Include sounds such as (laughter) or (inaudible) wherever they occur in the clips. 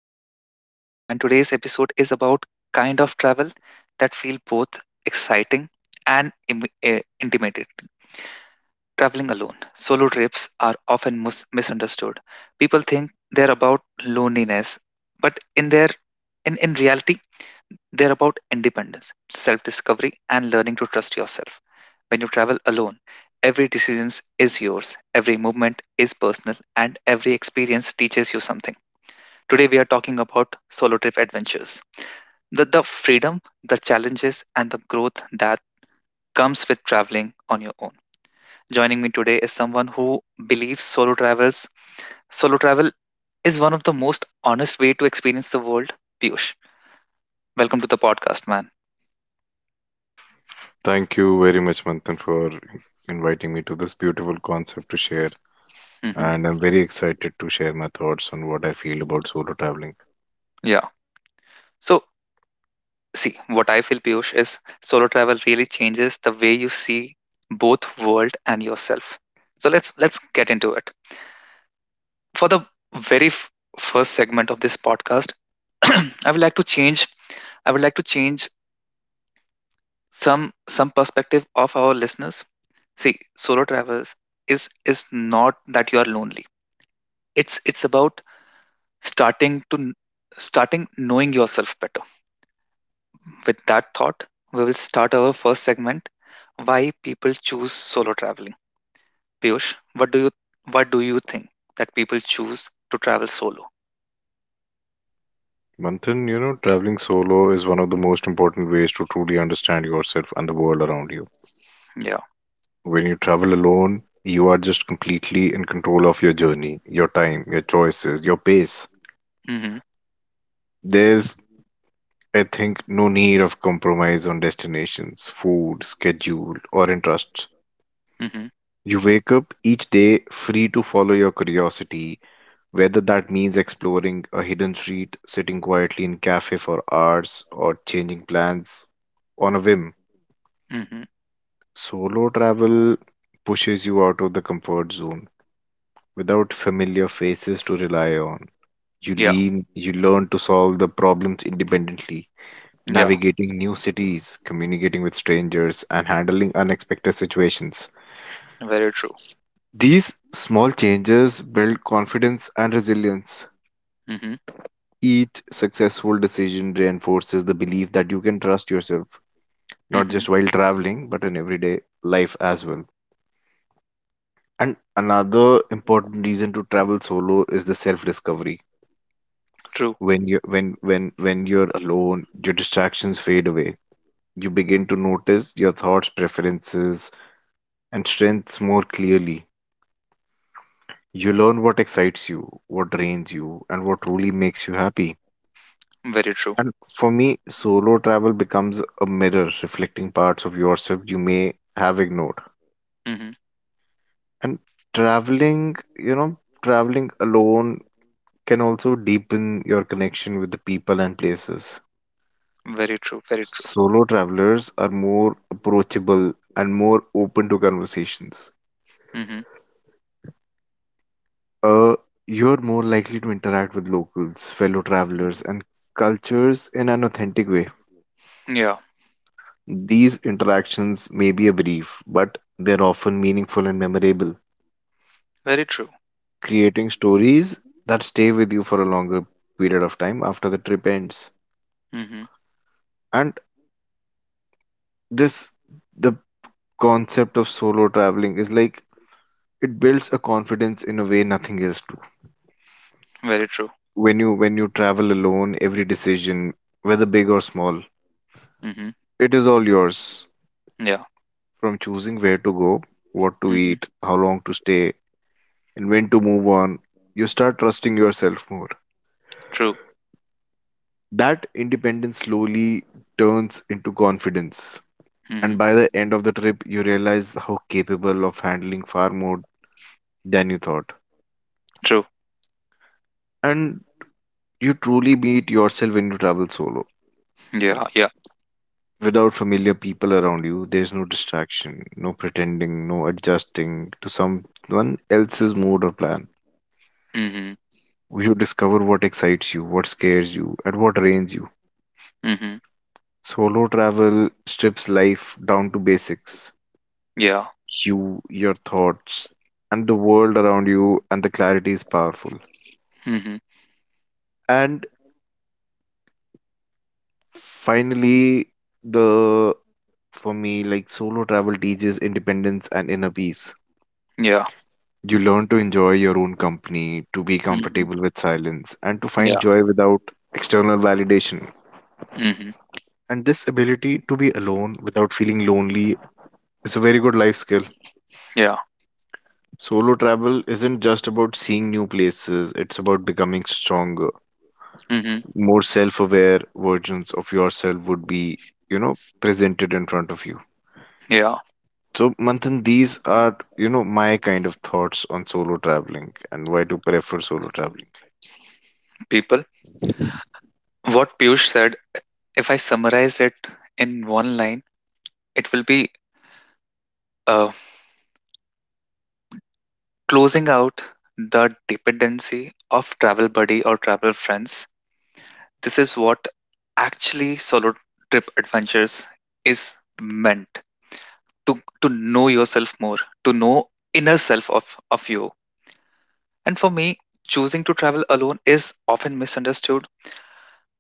I'm your host, Manthan, and today's episode is about kind of travel that feel both exciting and intimidating. Traveling alone. Solo trips are often misunderstood. People think they're about loneliness, but in reality, they're about independence, self-discovery, and learning to trust yourself. When you travel alone, every decision is yours, every movement is personal, and every experience teaches you something. Today, we are talking about solo trip adventures. The freedom, the challenges, and the growth that comes with traveling on your own. Joining me today is someone who believes solo travels. Solo travel is one of the most honest way to experience the world, Piyush. Welcome to the podcast, man. Thank you very much, Manthan, for inviting me to this beautiful concept to share. Hmm. And I'm very excited to share my thoughts on what I feel about solo traveling. Yeah. So, see, what I feel, Piyush, is solo travel really changes the way you see both world and yourself. So let's get into it. For the very f- first segment of this podcast, (clears throat) I would like to change. I would like to change some perspective of our listeners. See, solo travels is not that you are lonely. It's about starting to kn- starting knowing yourself better. With that thought, we will start our first segment: why people choose solo traveling. Piyush, what do you think that people choose to travel solo? Manthan, traveling solo is one of the most important ways to truly understand yourself and the world around you. Yeah. When you travel alone, you are just completely in control of your journey, your time, your choices, your pace. Mhm. There's, I think, no need of compromise on destinations, food, schedule, or interests. Mhm. You wake up each day free to follow your curiosity, whether that means exploring a hidden street, sitting quietly in cafe for hours, or changing plans on a whim. Mhm. Solo travel pushes you out of the comfort zone without familiar faces to rely on. Yeah. You learn to solve the problems independently, Yeah. navigating new cities, communicating with strangers, and handling unexpected situations. Very true. These small changes build confidence and resilience. Mhm. Each successful decision reinforces the belief that you can trust yourself, not Mhm. just while traveling, but in everyday life as well. And another important reason to travel solo is the self-discovery. True. When you're alone, your distractions fade away. You begin to notice your thoughts, preferences, and strengths more clearly. You learn what excites you, what drains you, and what truly makes you happy. Very true. And for me, solo travel becomes a mirror reflecting parts of yourself you may have ignored. Mhm. And traveling, you know, traveling alone can also deepen your connection with the people and places. Very true. Very true. Solo travelers are more approachable and more open to conversations. Mhm. Uh, you're more likely to interact with locals, fellow travelers, Mhm. and cultures in an authentic way. Yeah. These interactions may be a brief, but they're often meaningful and memorable, Very true. creating stories that stay with you for a longer period of time after the trip ends. Mhm. And this, the concept of solo traveling is like it builds a confidence in a way nothing else do. Very true. When you travel alone, every decision, whether big or small, Mhm. it is all yours. Yeah. From choosing where to go, what to Mhm. eat, how long to stay, and when to move on, you start trusting yourself more. True. That independence slowly turns into confidence. And Mhm. by the end of the trip, you realize how capable of handling far more than you thought. True. And you truly meet yourself when you travel solo. Yeah. Yeah. Without familiar people around you, there's no distraction, no pretending, no adjusting to someone else's mood or plan. Mhm. You discover what excites you, what scares you, and what drains you. Mhm. Solo travel strips life down to basics: Yeah. you, your thoughts, and the world around you, and the clarity is powerful. Mhm. And Finally, the for me, like solo travel teaches independence and inner peace. Yeah. You learn to enjoy your own company, to be Mhm. comfortable with silence, and to find Yeah. joy without external validation. Mhm. And this ability to be alone without feeling lonely is a very good life skill. Yeah. Solo travel isn't just about seeing new places, it's about becoming stronger. Mhm. More self aware versions of yourself would be, you know, presented in front of you. Yeah. So, Manthan, these are, my kind of thoughts on solo traveling and why to prefer solo traveling. People, what Piyush said, if I summarize it in one line, it will be uh, closing out the dependency of travel buddy or travel friends. This is what actually solo trip adventures is meant to know yourself more, to know inner self of you. And for me, choosing to travel alone is often misunderstood.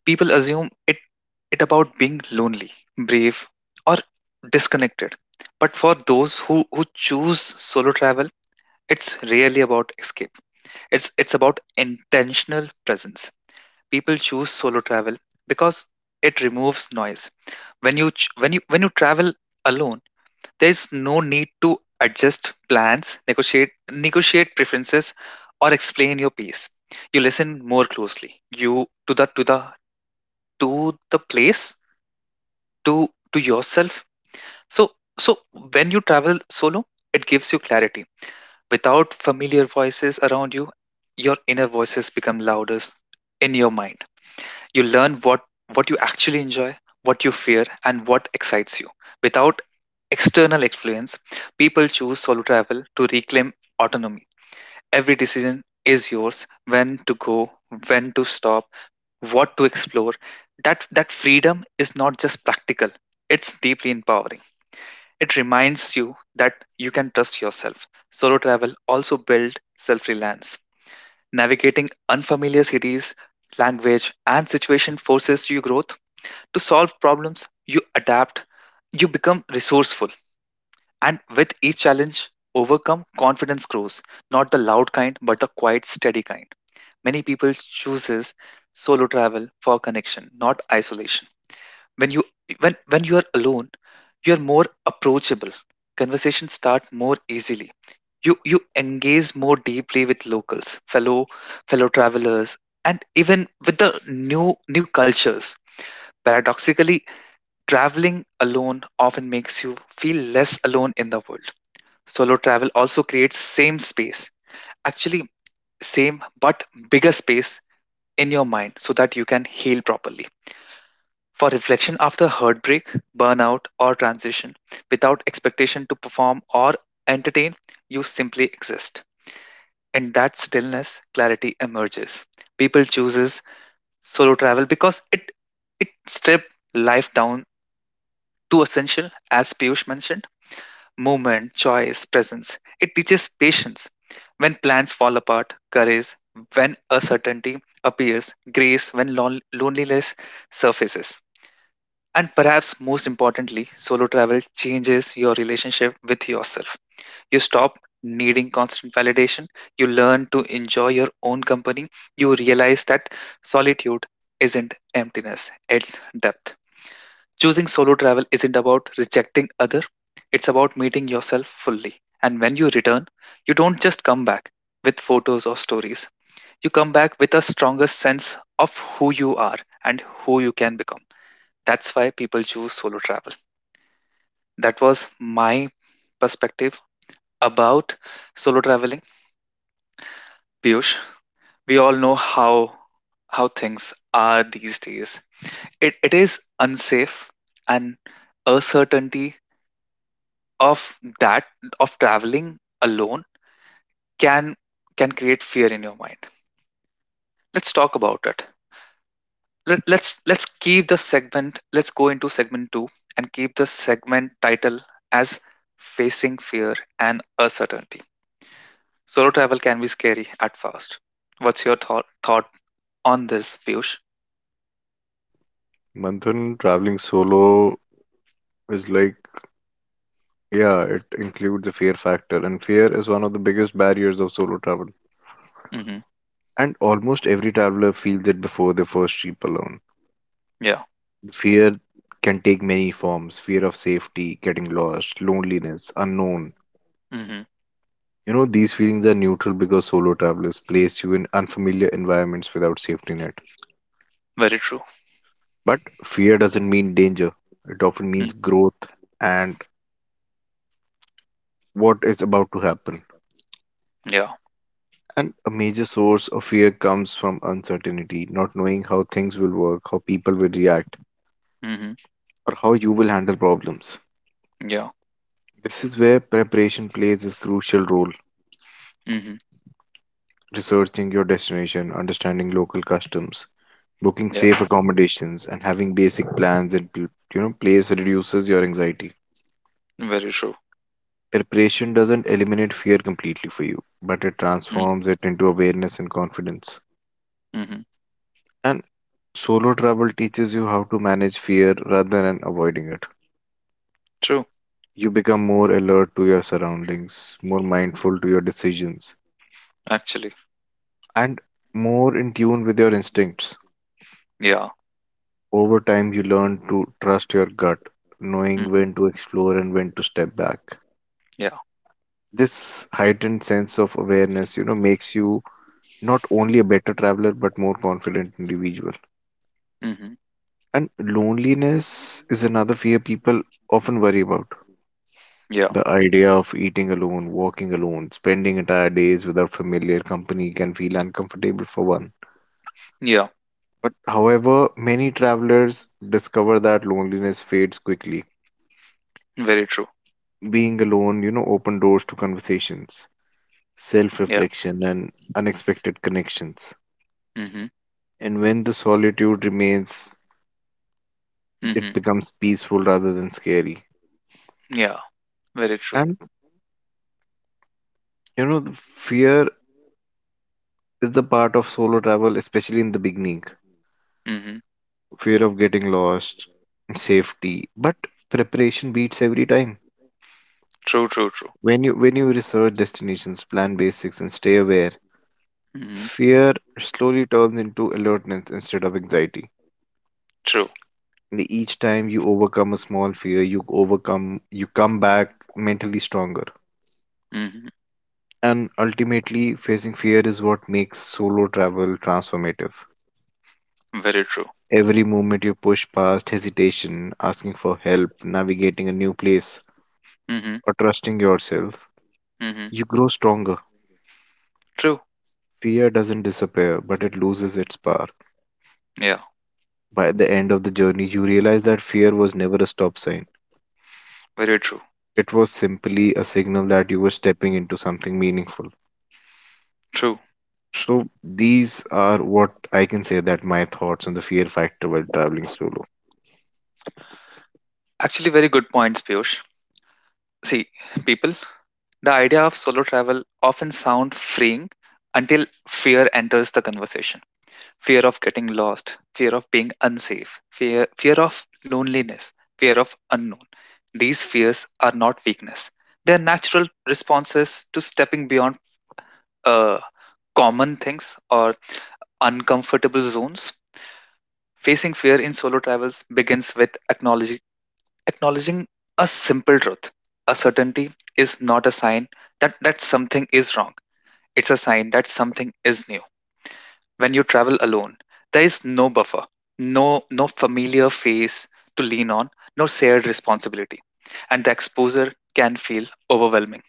People assume it, it about being lonely, brave, or disconnected, but for those who choose solo travel, it's really about escape. It's about intentional presence. People choose solo travel because it removes noise. When you ch- when you travel alone, there's no need to adjust plans, negotiate, preferences, or explain your pace. You listen more closely. You to the to the to the place, to to yourself. So so when you travel solo, it gives you clarity. Without familiar voices around you, your inner voices become louder in your mind. You learn what you actually enjoy, what you fear, and what excites you without external influence. People choose solo travel to reclaim autonomy. Every decision is yours. When to go, when to stop, what to explore. That freedom is not just practical, it's deeply empowering. It reminds you that you can trust yourself. Solo travel also builds self reliance. Navigating unfamiliar cities, language, and situation forces you growth. To solve problems, you adapt, you become resourceful. And with each challenge overcome, confidence grows. Not the loud kind, but the quiet, steady kind. Many people chooses solo travel for connection, not isolation. When you when when you are alone, you are more approachable. Conversations start more easily. You engage more deeply with locals, fellow travelers, and even with the new cultures. Paradoxically, traveling alone often makes you feel less alone in the world. Solo travel also creates same space, actually, same but bigger space in your mind so that you can heal properly for reflection after heartbreak, burnout, or transition. Without expectation to perform or entertain, you simply exist. In that stillness, clarity emerges. People chooses solo travel because it strips life down to essential, as Piyush mentioned, movement, choice, presence. It teaches patience when plans fall apart, courage when uncertainty appears, grace when loneliness surfaces. And perhaps most importantly, solo travel changes your relationship with yourself. You stop needing constant validation. You learn to enjoy your own company. You realize that solitude isn't emptiness, it's depth. Choosing solo travel isn't about rejecting other, it's about meeting yourself fully. And when you return, you don't just come back with photos or stories. You come back with a stronger sense of who you are and who you can become. That's why people choose solo travel. That was my perspective about solo traveling. Piyush, we all know how things are these days. It is unsafe, and uncertainty of that, of traveling alone, can can create fear in your mind. Let's talk about it. Let's keep the segment. Let's go into segment two and keep the segment title as facing fear and uncertainty. Solo travel can be scary at first. What's your thought on this, Piyush? Manthan, traveling solo is like, yeah, it includes a fear factor, and fear is one of the biggest barriers of solo travel. Mm-hmm. And almost every traveler feels it before their first trip alone. Yeah. Fear can take many forms: fear of safety, getting lost, loneliness, unknown. Mm-hmm. You know, these feelings are neutral because solo travelers place you in unfamiliar environments without safety net. Very true. But fear doesn't mean danger, it often means Mm. growth and what is about to happen. Yeah. And a major source of fear comes from uncertainty, not knowing how things will work, how people will react, Mm-hmm. or how you will handle problems. Yeah. This is where preparation plays a crucial role: Mm-hmm. researching your destination, understanding local customs, booking Yeah. safe accommodations, and having basic plans you know, place reduces your anxiety. Very true. Preparation doesn't eliminate fear completely for you, but it Mm-hmm. transforms it into awareness and confidence. Mm-hmm. And solo travel teaches you how to manage fear rather than avoiding it. True. You become more alert to your surroundings, more mindful to your decisions, Actually. and more in tune with your instincts. Yeah. Over time, you learn to trust your gut, knowing when Mm-hmm. to explore and when to step back. Yeah. This heightened sense of awareness, makes you not only a better traveler but more confident individual. Mm-hmm. And loneliness is another fear people often worry about. Yeah. The idea of eating alone, walking alone, spending entire days without familiar company can feel uncomfortable for one. Yeah. But however, many travelers discover that loneliness fades quickly. Very true. Being alone, open doors to conversations, self Yeah. reflection, and unexpected connections. Mm-hmm. And when the solitude remains, Mm-hmm. it becomes peaceful rather than scary. Yeah. Very true. And the fear is the part of solo travel, especially in the beginning. Mm-hmm. Fear of getting lost, safety, but preparation beats every time. True. True. True. When you research destinations, plan basics, and stay aware, Mm-hmm. fear slowly turns into alertness instead of anxiety. True. And each time you overcome a small fear, you come back mentally stronger. Mm-hmm. And ultimately, facing fear is what makes solo travel transformative. Very true. Every moment you push past hesitation, asking for help, navigating a new place, Mm-hmm. or trusting yourself, Mm-hmm. you grow stronger. True. Fear doesn't disappear, but it loses its power. Yeah. By the end of the journey, you realize that fear was never a stop sign. Very true. It was simply a signal that you were stepping into something meaningful. True. So, these are what I can say that my thoughts on the fear factor while traveling solo. Actually, very good points, Piyush. See, people, the idea of solo travel often sound freeing until fear enters the conversation. Fear of getting lost, fear of being unsafe, fear of loneliness, fear of unknown. These fears are not weakness. They are natural responses to stepping beyond uh, common things or uncomfortable zones. Facing fear in solo travels begins with acknowledging a simple truth. A certainty is not a sign that something is wrong, it's a sign that something is new. When you travel alone, there is no buffer, no no familiar face to lean on, no shared responsibility, and the exposure can feel overwhelming.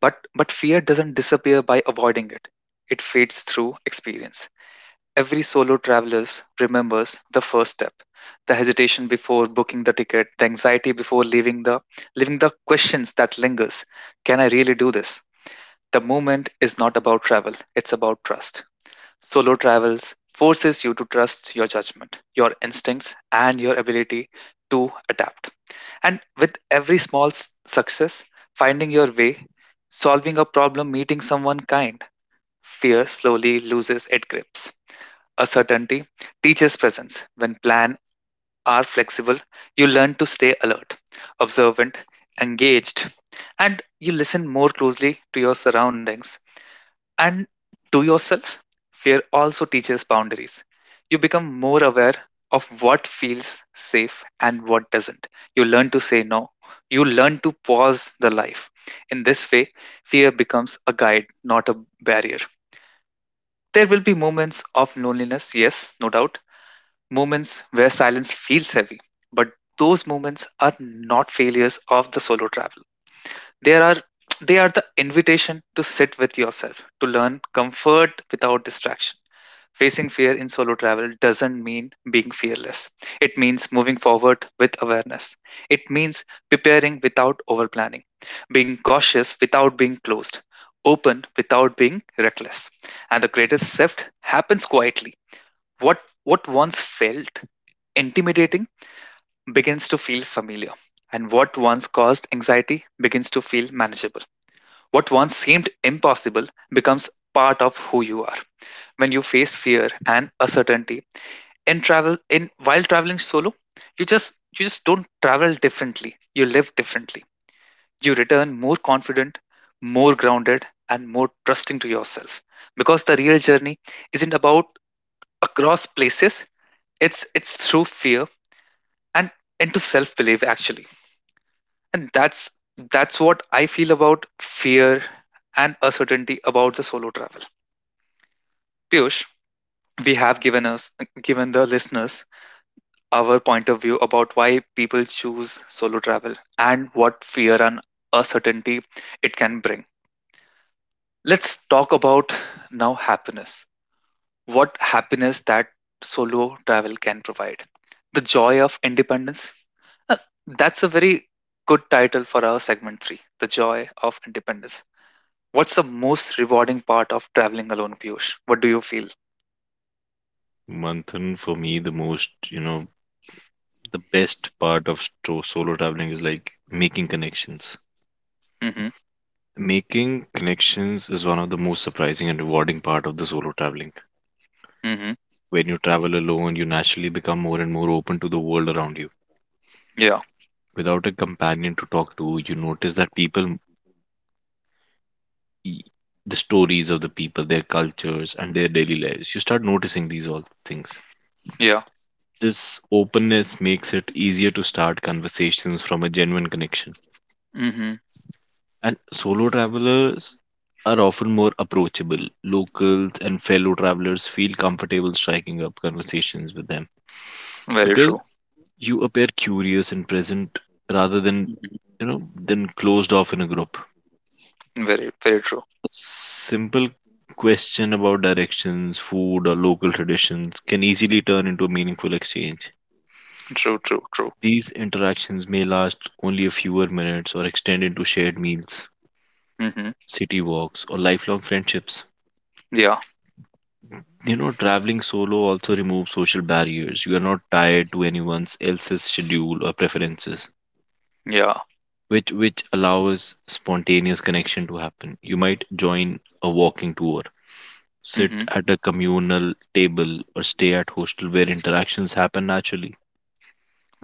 but but fear doesn't disappear by avoiding it, it fades through experience. Every solo traveler remembers the first step, the hesitation before booking the ticket, the anxiety before leaving the questions that lingers. Can I really do this? The moment is not about travel, it's about trust. Solo travels forces you to trust your judgment, your instincts, and your ability to adapt. And with every success, finding your way, solving a problem, meeting someone kind, fear slowly loses its grips. Uncertainty teaches presence. When plans are flexible, you learn to stay alert, observant, engaged, and you listen more closely to your surroundings and to yourself. Fear also teaches boundaries. You become more aware of what feels safe and what doesn't. You learn to say no. You learn to pause the life. In this way, fear becomes a guide, not a barrier. There will be moments of loneliness, yes, no doubt, moments where silence feels heavy. But those moments are not failures of the solo travel. They are they are the invitation to sit with yourself, to learn comfort without distraction. Facing fear in solo travel doesn't mean being fearless. It means moving forward with awareness. It means preparing without over planning, being cautious without being closed, open without being reckless. And the greatest shift happens quietly. What once felt intimidating begins to feel familiar, and what once caused anxiety begins to feel manageable. What once seemed impossible becomes part of who you are. When you face fear and uncertainty in travel in while traveling solo, you just don't travel differently. You live differently. You return more confident, more grounded, and more trusting to yourself. Because the real journey isn't about across places, it's through fear and into self-belief, actually. And that's what I feel about fear and uncertainty about the solo travel. Piyush, we have given the listeners our point of view about why people choose solo travel and what fear and uncertainty it can bring. Let's talk about now happiness. What happiness that solo travel can provide. The joy of independence, that's a very good title for our segment three, the joy of independence. What's the most rewarding part of traveling alone, Piyush? What do you feel? Manthan, for me, the most, the best part of solo traveling is like making connections. Mm-hmm. Making connections is one of the most surprising and rewarding part of the solo traveling. Mm-hmm. When you travel alone, you naturally become more and more open to the world around you. Yeah. Without a companion to talk to, you notice that people, the stories of the people, their cultures, and their daily lives. You start noticing these all things. Yeah. This openness makes it easier to start conversations from a genuine connection. Mm-hmm. And solo travelers are often more approachable. Locals and fellow travelers feel comfortable striking up conversations with them Very because true. you appear curious and present rather than, Mhm. you know, than closed off in a group. Very, very true. Simple question about directions, food, or local traditions can easily turn into a meaningful exchange. True, true, true. These interactions may last only a fewer minutes or extend into shared meals, Mm-hmm. city walks, or lifelong friendships. Yeah. You know, traveling solo also removes social barriers. You are not tied to anyone else's schedule or preferences, Yeah. which allows spontaneous connection to happen. You might join a walking tour, sit Mm-hmm. at a communal table, or stay at hostel where interactions happen naturally.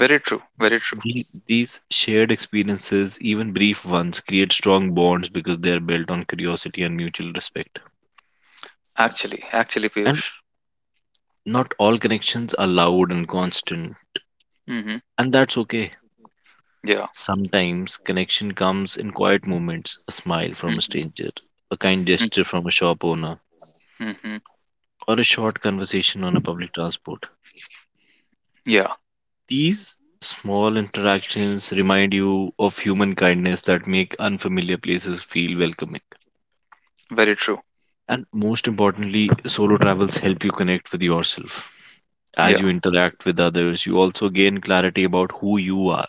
Very true. Very true. These shared experiences, even brief ones, create strong bonds because they are built on curiosity and mutual respect. Actually, actually, And Piyush. not all connections are loud and constant, Mm-hmm. and that's okay. Yeah. Sometimes connection comes in quiet moments: a smile from a Mm-hmm. stranger, a kind gesture from a shop owner, Mm-hmm. Mm-hmm. or a short conversation on a public transport. Yeah. These small interactions remind you of human kindness that make unfamiliar places feel welcoming. Very true. And most importantly, solo travels help you connect with yourself. As you Yeah. interact with others, you also gain clarity about who you are,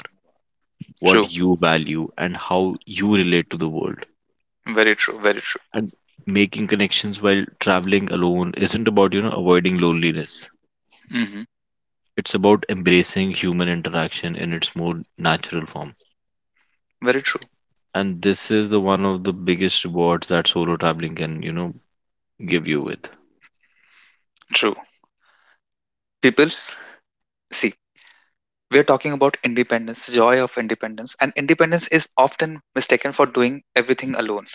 what True. you value, and how you relate to the world. Very true. Very true. And making connections while traveling alone isn't about, avoiding loneliness. Mm-hmm. It's about embracing human interaction in its more natural form. Very true. And this is the one of the biggest rewards that solo traveling can, give you with. True. People, see, we're talking about independence, joy of independence. And independence is often mistaken for doing everything alone.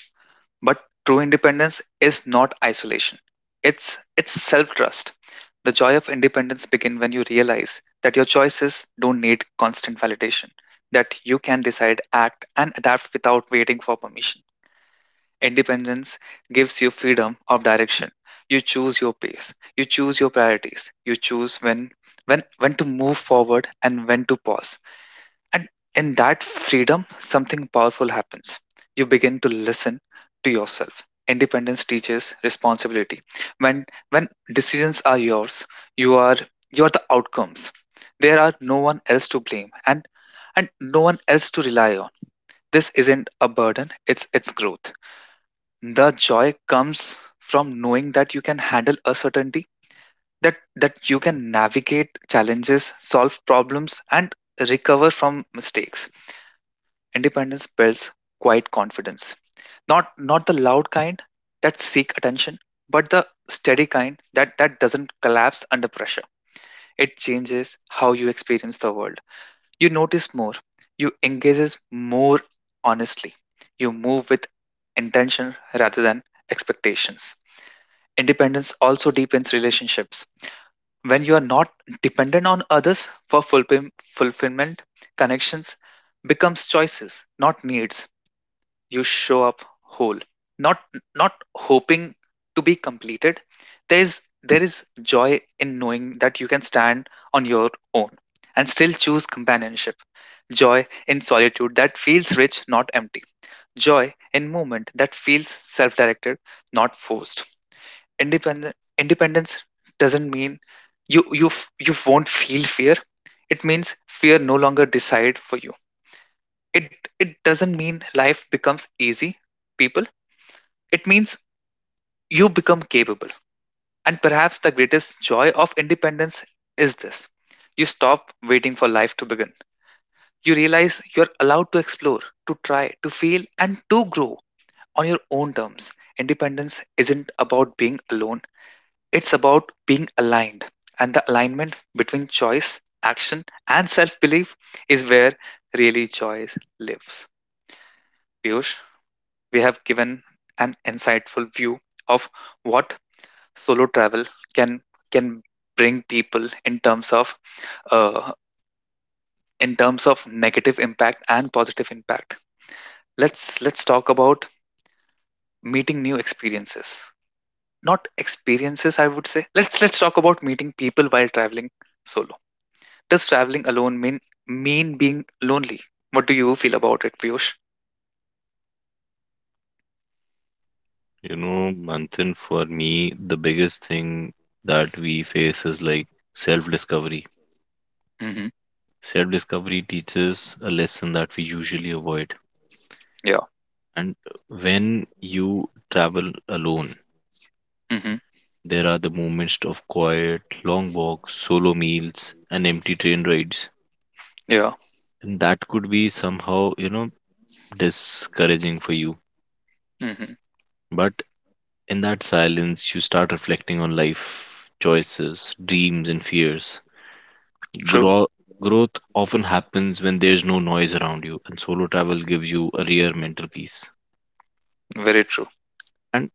But true independence is not isolation. It's self-trust. The joy of independence begins when you realize that your choices don't need constant validation, that you can decide, act, and adapt without waiting for permission. Independence gives you freedom of direction. You choose your pace, you choose your priorities, you choose when to move forward and when to pause, and in that freedom, something powerful happens. You begin to listen to yourself. Independence teaches responsibility. When decisions are yours, you are you are the outcomes. There are no one else to blame, and no one else to rely on. This isn't a burden, it's growth. The joy comes from knowing that you can handle uncertainty, that you can navigate challenges, solve problems, and recover from mistakes. Independence builds quiet confidence. Not the loud kind that seek attention, but the steady kind that doesn't collapse under pressure. It changes how you experience the world. You notice more. You engages more honestly. You move with intention rather than expectations. Independence also deepens relationships. When you are not dependent on others for fulfillment, connections becomes choices, not needs. You show up whole, not not hoping to be completed. There is joy in knowing that you can stand on your own and still choose companionship, joy in solitude that feels rich not empty, joy in movement that feels self-directed, not forced. Independent Independence doesn't mean you won't feel fear. It means fear no longer decide for you. It doesn't mean life becomes easy, people, it means you become capable. And perhaps the greatest joy of independence is this: you stop waiting for life to begin. You realize you're allowed to explore, to try, to fail, and to grow on your own terms. Independence isn't about being alone, it's about being aligned. And the alignment between choice, action, and self belief is where really joy lives. Piyush, we have given an insightful view of what solo travel can can bring people uh, in terms of negative impact and positive impact. Let's talk about meeting new experiences. Not experiences, I would say. Let's talk about meeting people while traveling solo. Does traveling alone mean being lonely? What do you feel about it, Piyush? You know, Manthan, for me, the biggest thing that we face is like self discovery. Mm-hmm. Self discovery teaches a lesson that we usually avoid. Yeah. And when you travel alone, Mm-hmm. there are the moments of quiet, long walks, solo meals, and empty train rides. Yeah. And that could be somehow, discouraging for you. Mm-hmm. But in that silence, you start reflecting on life, choices, dreams, and fears. True. Grow- Growth often happens when there's no noise around you, and solo travel gives you a rare mental peace. Very true. And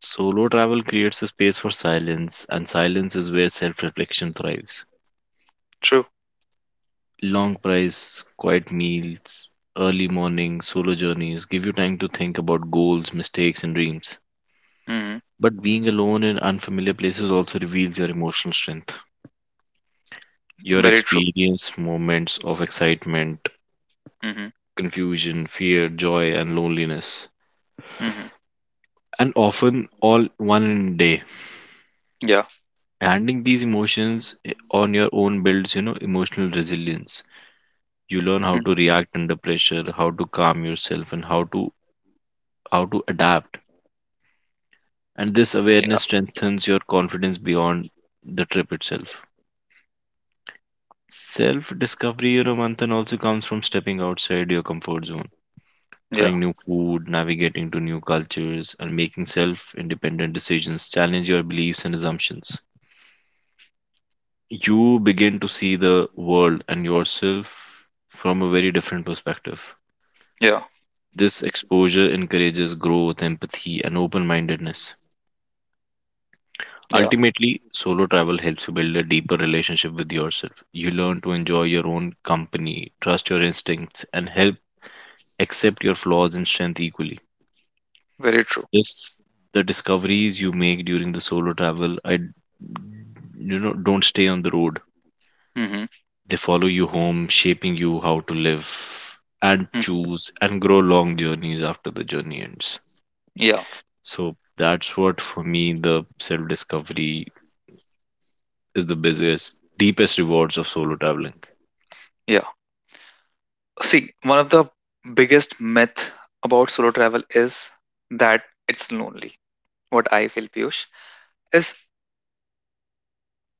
solo travel creates a space for silence, and silence is where self reflection thrives. True. Long price, quiet meals, early morning, solo journeys give you time to think about goals, mistakes, and dreams. Mm-hmm. But being alone in unfamiliar places also reveals your emotional strength. Your Very true. experience moments of excitement, Mm-hmm. confusion, fear, joy, and loneliness. Mm-hmm. And often all one in a day. Yeah. Handling these emotions on your own builds, emotional resilience. You learn how to Mm-hmm. react under pressure, how to calm yourself, and how to adapt. And this Yeah. awareness strengthens your confidence beyond the trip itself. Self discovery, Manthan, also comes from stepping outside your comfort zone, Yeah. trying new food, navigating to new cultures, and making self independent decisions, challenge your beliefs and assumptions. You begin to see the world and yourself from a very different perspective. Yeah. This exposure encourages growth, empathy, and open mindedness. Yeah. Ultimately, solo travel helps you build a deeper relationship with yourself. You learn to enjoy your own company, trust your instincts, and help accept your flaws and strength equally. Very true. This the discoveries you make during the solo travel, I don't stay on the road. Mm-hmm. They follow you home, shaping you how to live and Mm-hmm. choose and grow long journeys after the journey ends. Yeah. So that's what for me the self discovery is the busiest, deepest rewards of solo traveling. Yeah. See, one of the biggest myth about solo travel is that it's lonely. What I feel, Piyush, is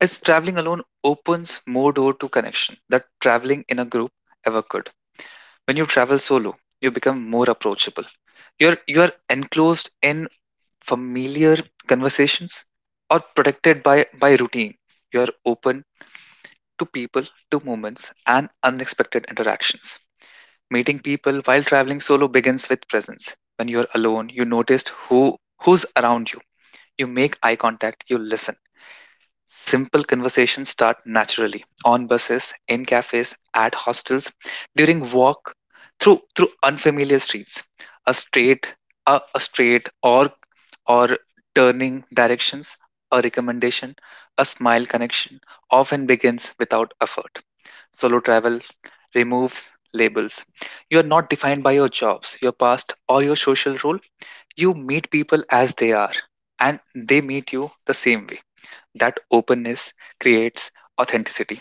is traveling alone opens more door to connection that traveling in a group ever could. When you travel solo, you become more approachable. You are enclosed in familiar conversations or protected by routine. You are open to people, to moments, and unexpected interactions. Meeting people while traveling solo begins with presence. When you are alone, you notice who's around you. You make eye contact, you listen. Simple conversations start naturally on buses, in cafes, at hostels, during walk, through unfamiliar streets. A straight, a straight or turning directions, a recommendation, a smile connection often begins without effort. Solo travel removes labels. You are not defined by your jobs, your past, or your social role. You meet people as they are, and they meet you the same way. That openness creates authenticity.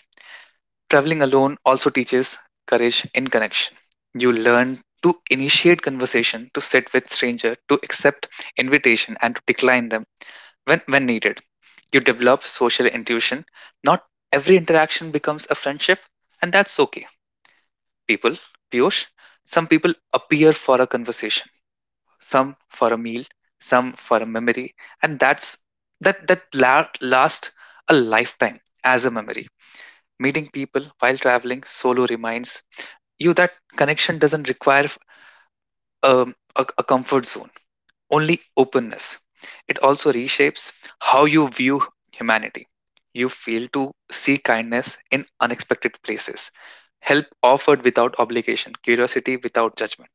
Traveling alone also teaches courage in connection. You learn to initiate conversation, to sit with stranger, to accept invitation and to decline them when needed. You develop social intuition. Not every interaction becomes a friendship, and that's okay. People, Piyush, some people appear for a conversation, some for a meal, some for a memory, and that's last a lifetime as a memory. Meeting people while traveling solo reminds you that connection doesn't require a comfort zone, only openness. It also reshapes how you view humanity. You fail to see kindness in unexpected places, help offered without obligation, curiosity without judgment.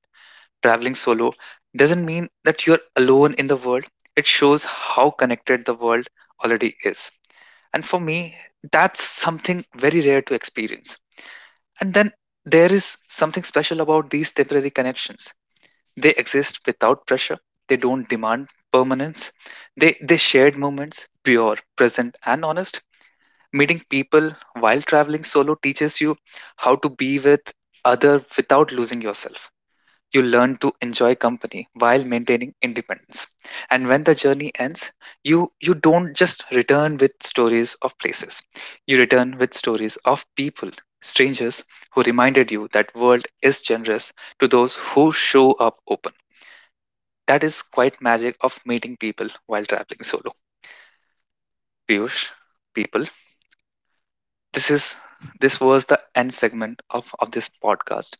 Traveling solo doesn't mean that you're alone in the world. It shows how connected the world already is. And for me, that's something very rare to experience. And then there is something special about these temporary connections. They exist without pressure, they don't demand permanence. They shared moments, pure, present, and honest. Meeting people while traveling solo teaches you how to be with other without losing yourself. You learn to enjoy company while maintaining independence. And when the journey ends, you don't just return with stories of places. You return with stories of people, strangers who reminded you that world is generous to those who show up open. That is quite magic of meeting people while traveling solo. Piyush, people, this is this was the end segment of this podcast.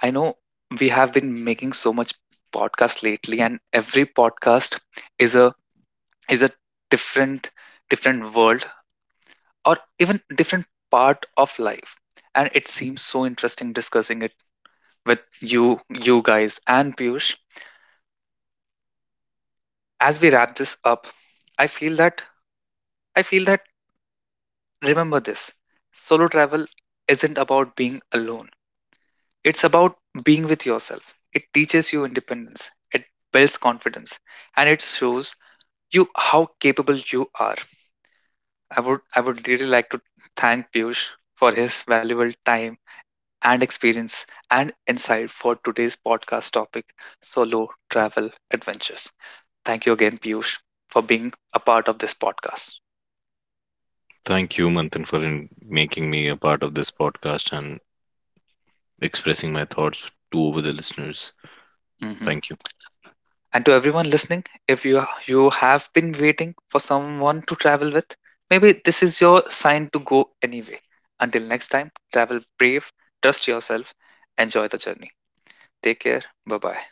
I know we have been making so much podcast lately, and every podcast is a is a different world, or even different part of life, and it seems so interesting discussing it with you guys. And Piyush, as we wrap this up, I feel that I feel that, remember this: solo travel isn't about being alone, it's about being with yourself. It teaches you independence, it builds confidence, and it shows you how capable you are. I would really like to thank Piyush for his valuable time and experience and insight for today's podcast topic, solo travel adventures. Thank you again, Piyush, for being a part of this podcast. Thank you, Manthan, for in making me a part of this podcast and expressing my thoughts to over the listeners. Hmm. Thank you. And to everyone listening, if you have been waiting for someone to travel with, maybe this is your sign to go anyway. Until next time, travel brave, trust yourself, enjoy the journey. Take care. Bye bye.